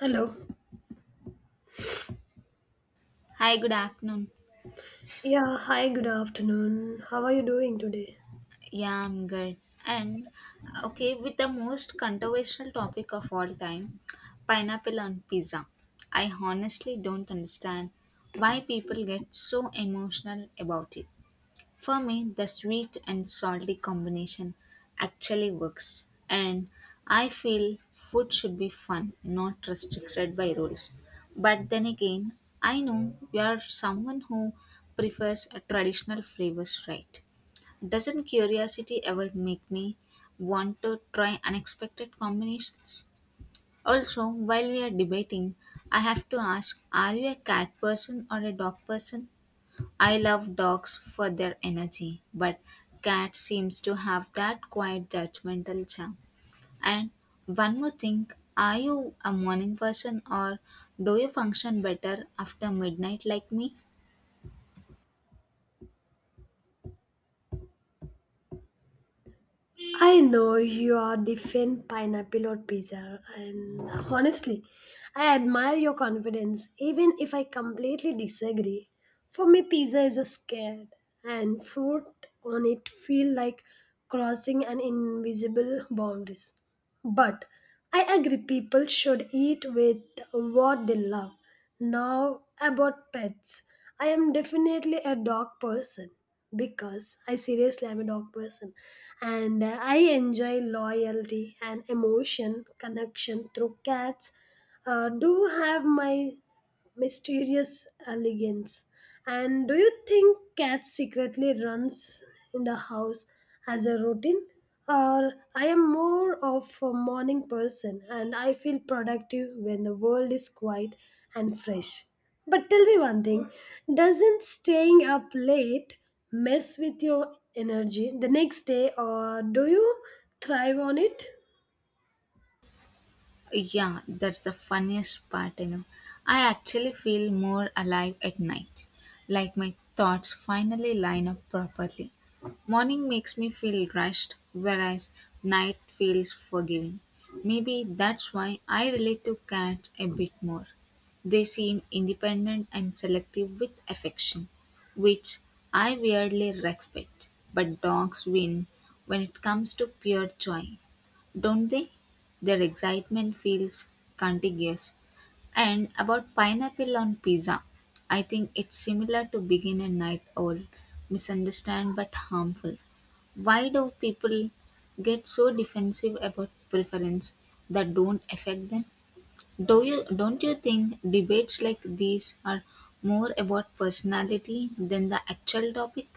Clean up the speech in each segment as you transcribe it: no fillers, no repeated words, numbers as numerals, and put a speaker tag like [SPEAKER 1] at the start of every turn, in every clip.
[SPEAKER 1] Hello.
[SPEAKER 2] Hi, good afternoon.
[SPEAKER 1] Yeah, hi, good afternoon. How are you doing today?
[SPEAKER 2] Yeah, I'm good. And okay, with the most controversial topic of all time, pineapple on pizza. I honestly don't understand why people get so emotional about it. For me, the sweet and salty combination actually works, and I feel food should be fun, not restricted by rules. But then again, I know you are someone who prefers a traditional flavors, right? Doesn't curiosity ever make me want to try unexpected combinations? Also, while we are debating, I have to ask, are you a cat person or a dog person? I love dogs for their energy, but cat seems to have that quiet judgmental charm. And one more thing, are you a morning person or do you function better after midnight like me?
[SPEAKER 1] I know you are the fan pineapple or pizza, and honestly, I admire your confidence even if I completely disagree. For me, pizza is a scared, and fruit on it feel like crossing an invisible boundaries. But I agree people should eat with what they love. Now about pets, I am definitely a dog person because I seriously am a dog person and I enjoy loyalty and emotion connection through cats. Do have my mysterious elegance. And do you think cat secretly runs in the house as a routine? Or I am more of a morning person and I feel productive when the world is quiet and fresh. But tell me one thing, doesn't staying up late mess with your energy the next day, or do you thrive on it?
[SPEAKER 2] Yeah, that's the funniest part, I actually feel more alive at night. Like my thoughts finally line up properly. Morning makes me feel rushed, whereas night feels forgiving. Maybe that's why I relate to cats a bit more. They seem independent and selective with affection, which I weirdly respect. But dogs win when it comes to pure joy, don't they? Their excitement feels contagious. And about pineapple on pizza, I think it's similar to begin a night owl, misunderstand but harmful. Why do people get so defensive about preference that don't affect them? Do you, don't you think debates like these are more about personality than the actual topic?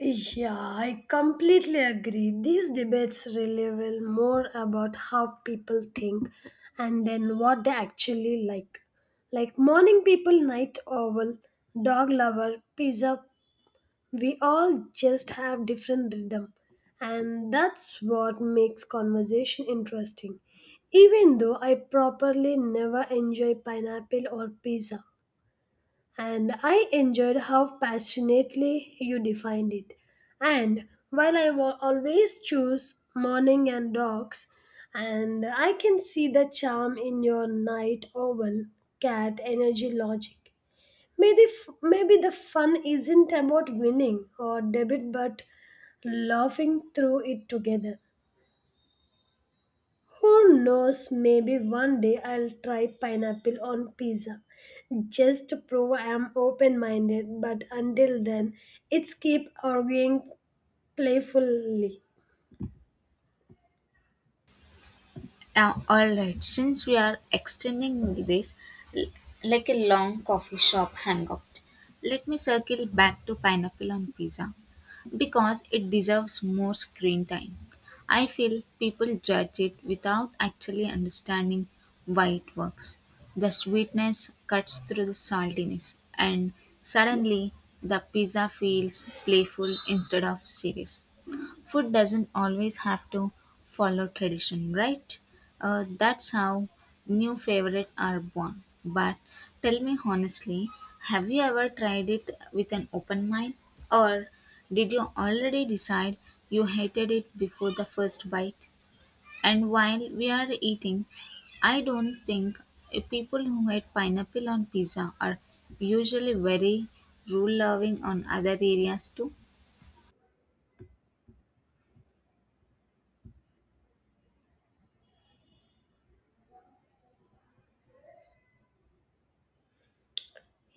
[SPEAKER 1] Yeah, I completely agree. These debates really reveal more about how people think and then what they actually like. Like morning people, night owl, dog lover, pizza, we all just have different rhythm. And that's what makes conversation interesting. Even though I properly never enjoy pineapple or pizza and I enjoyed how passionately you defined it. And while I will always choose morning and dogs, and I can see the charm in your night owl cat energy logic. Maybe the fun isn't about winning or debit, but laughing through it together. Who knows, maybe one day I'll try pineapple on pizza. Just to prove I'm open minded, but until then, it's keep arguing playfully.
[SPEAKER 2] All right, since we are extending this l- like a long coffee shop hangout, let me circle back to pineapple on pizza because it deserves more screen time. I feel people judge it without actually understanding why it works. The sweetness cuts through the saltiness, and suddenly the pizza feels playful instead of serious. Food doesn't always have to follow tradition, right? That's how new favorites are born. But tell me honestly, have you ever tried it with an open mind? Or did you already decide you hated it before the first bite? And while we are eating, I don't think people who hate pineapple on pizza are usually very rule loving on other areas too.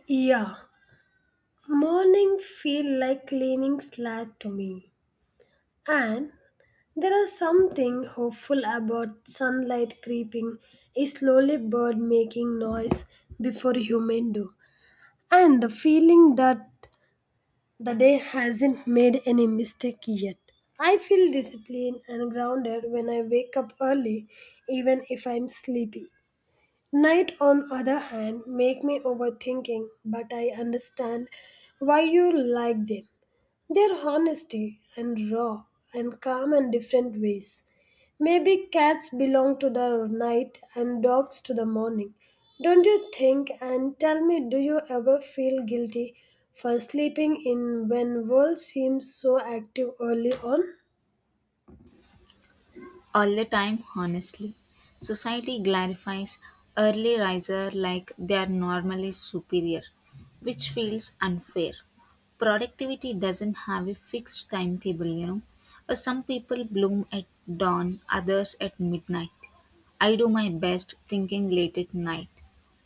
[SPEAKER 1] Yeah, morning feel like cleaning slate to me. And there is something hopeful about sunlight creeping, a slowly bird making noise before human do. And the feeling that the day hasn't made any mistake yet. I feel disciplined and grounded when I wake up early, even if I'm sleepy. Night, on other hand, make me overthinking, but I understand why you like them. Their honesty and raw and calm and different ways. Maybe cats belong to the night and dogs to the morning. Don't you think? And tell me, do you ever feel guilty for sleeping in when world seems so active early on?
[SPEAKER 2] All the time, honestly. Society glorifies early riser like they are normally superior, which feels unfair. Productivity doesn't have a fixed timetable, Some people bloom at dawn, others at midnight. I do my best thinking late at night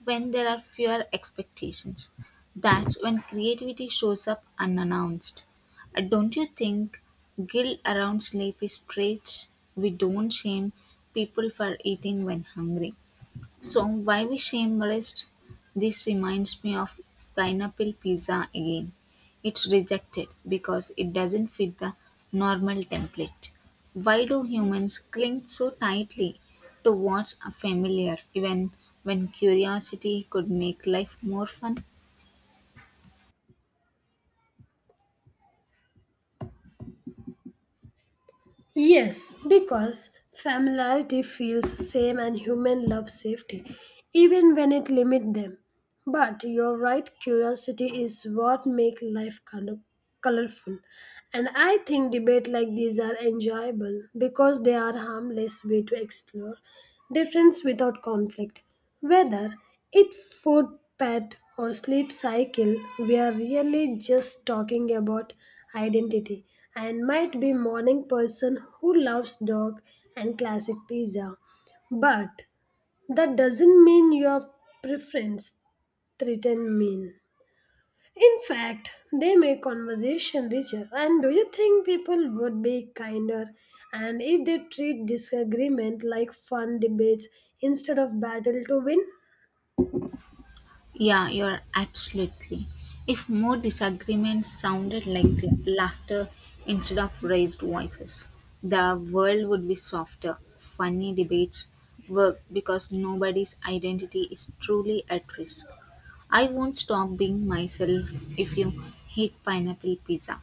[SPEAKER 2] when there are fewer expectations. That's when creativity shows up unannounced. Don't you think guilt around sleep is strange? We don't shame people for eating when hungry. So why we shame rest? This reminds me of pineapple pizza again. It's rejected because it doesn't fit the normal template. Why do humans cling so tightly to what's familiar even when curiosity could make life more fun?
[SPEAKER 1] Yes, because familiarity feels same and human love safety, even when it limits them. But you're right, curiosity is what makes life kind of colorful. And I think debate like these are enjoyable because they are harmless way to explore difference without conflict. Whether it food, pet, or sleep cycle, we are really just talking about identity and might be morning person who loves dog and classic pizza. But that doesn't mean your preference threaten mean. In fact, they make conversation richer. And do you think people would be kinder and if they treat disagreement like fun debates instead of battle to win?
[SPEAKER 2] Yeah, you're absolutely. If more disagreements sounded like the laughter instead of raised voices, the world would be softer. Funny debates work because nobody's identity is truly at risk. I won't stop being myself if you hate pineapple pizza.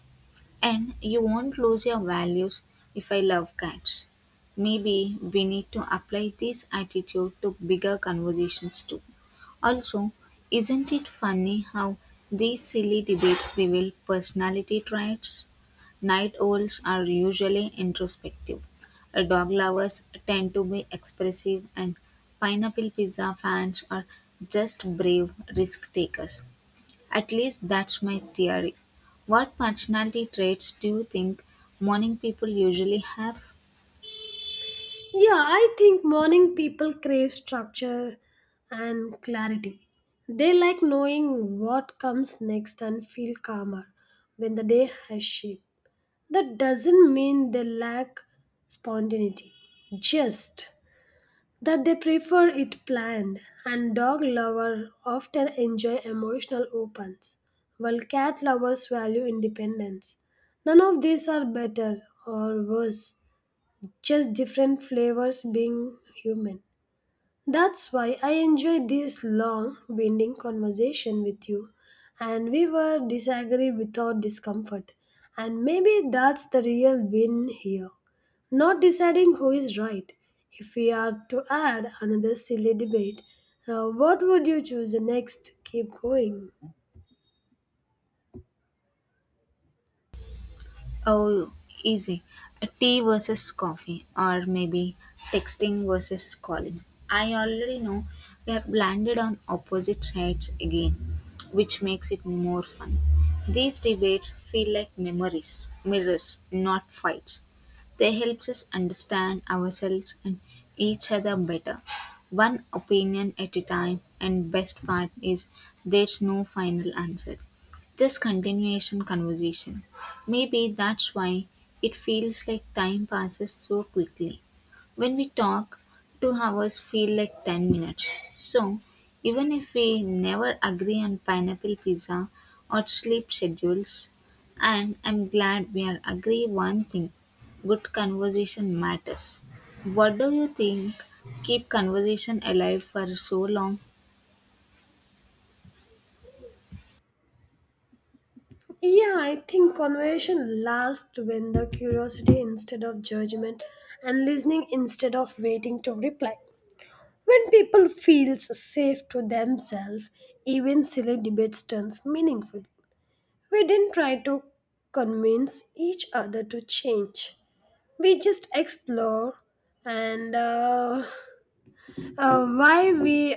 [SPEAKER 2] And you won't lose your values if I love cats. Maybe we need to apply this attitude to bigger conversations too. Also, isn't it funny how these silly debates reveal personality traits? Night owls are usually introspective. Dog lovers tend to be expressive, and pineapple pizza fans are just brave risk takers. At least that's my theory. What personality traits do you think morning people usually have?
[SPEAKER 1] Yeah, I think morning people crave structure and clarity. They like knowing what comes next and feel calmer when the day has shape. That doesn't mean they lack spontaneity. Just that they prefer it planned and dog lovers often enjoy emotional opens while cat lovers value independence, none of these are better or worse, just different flavors being human. That's why I enjoyed this long, winding conversation with you, and we were disagree without discomfort. And maybe that's the real win here. Not deciding who is right. If we are to add another silly debate, what would you choose next? Keep going.
[SPEAKER 2] Oh, easy. A tea versus coffee, or maybe texting versus calling. I already know we have landed on opposite sides again, which makes it more fun. These debates feel like memories, mirrors, not fights. They help us understand ourselves and each other better. One opinion at a time, and best part is there's no final answer. Just continuation conversation. Maybe that's why it feels like time passes so quickly. When we talk, 2 hours feel like 10 minutes. So, even if we never agree on pineapple pizza or sleep schedules, and I'm glad we are agree one thing good conversation matters. What do you think keep conversation alive for so long?
[SPEAKER 1] Yeah, I think conversation lasts when the curiosity instead of judgment and listening instead of waiting to reply. When people feels safe to themselves, even silly debates turns meaningful. We didn't try to convince each other to change. We just explore and why we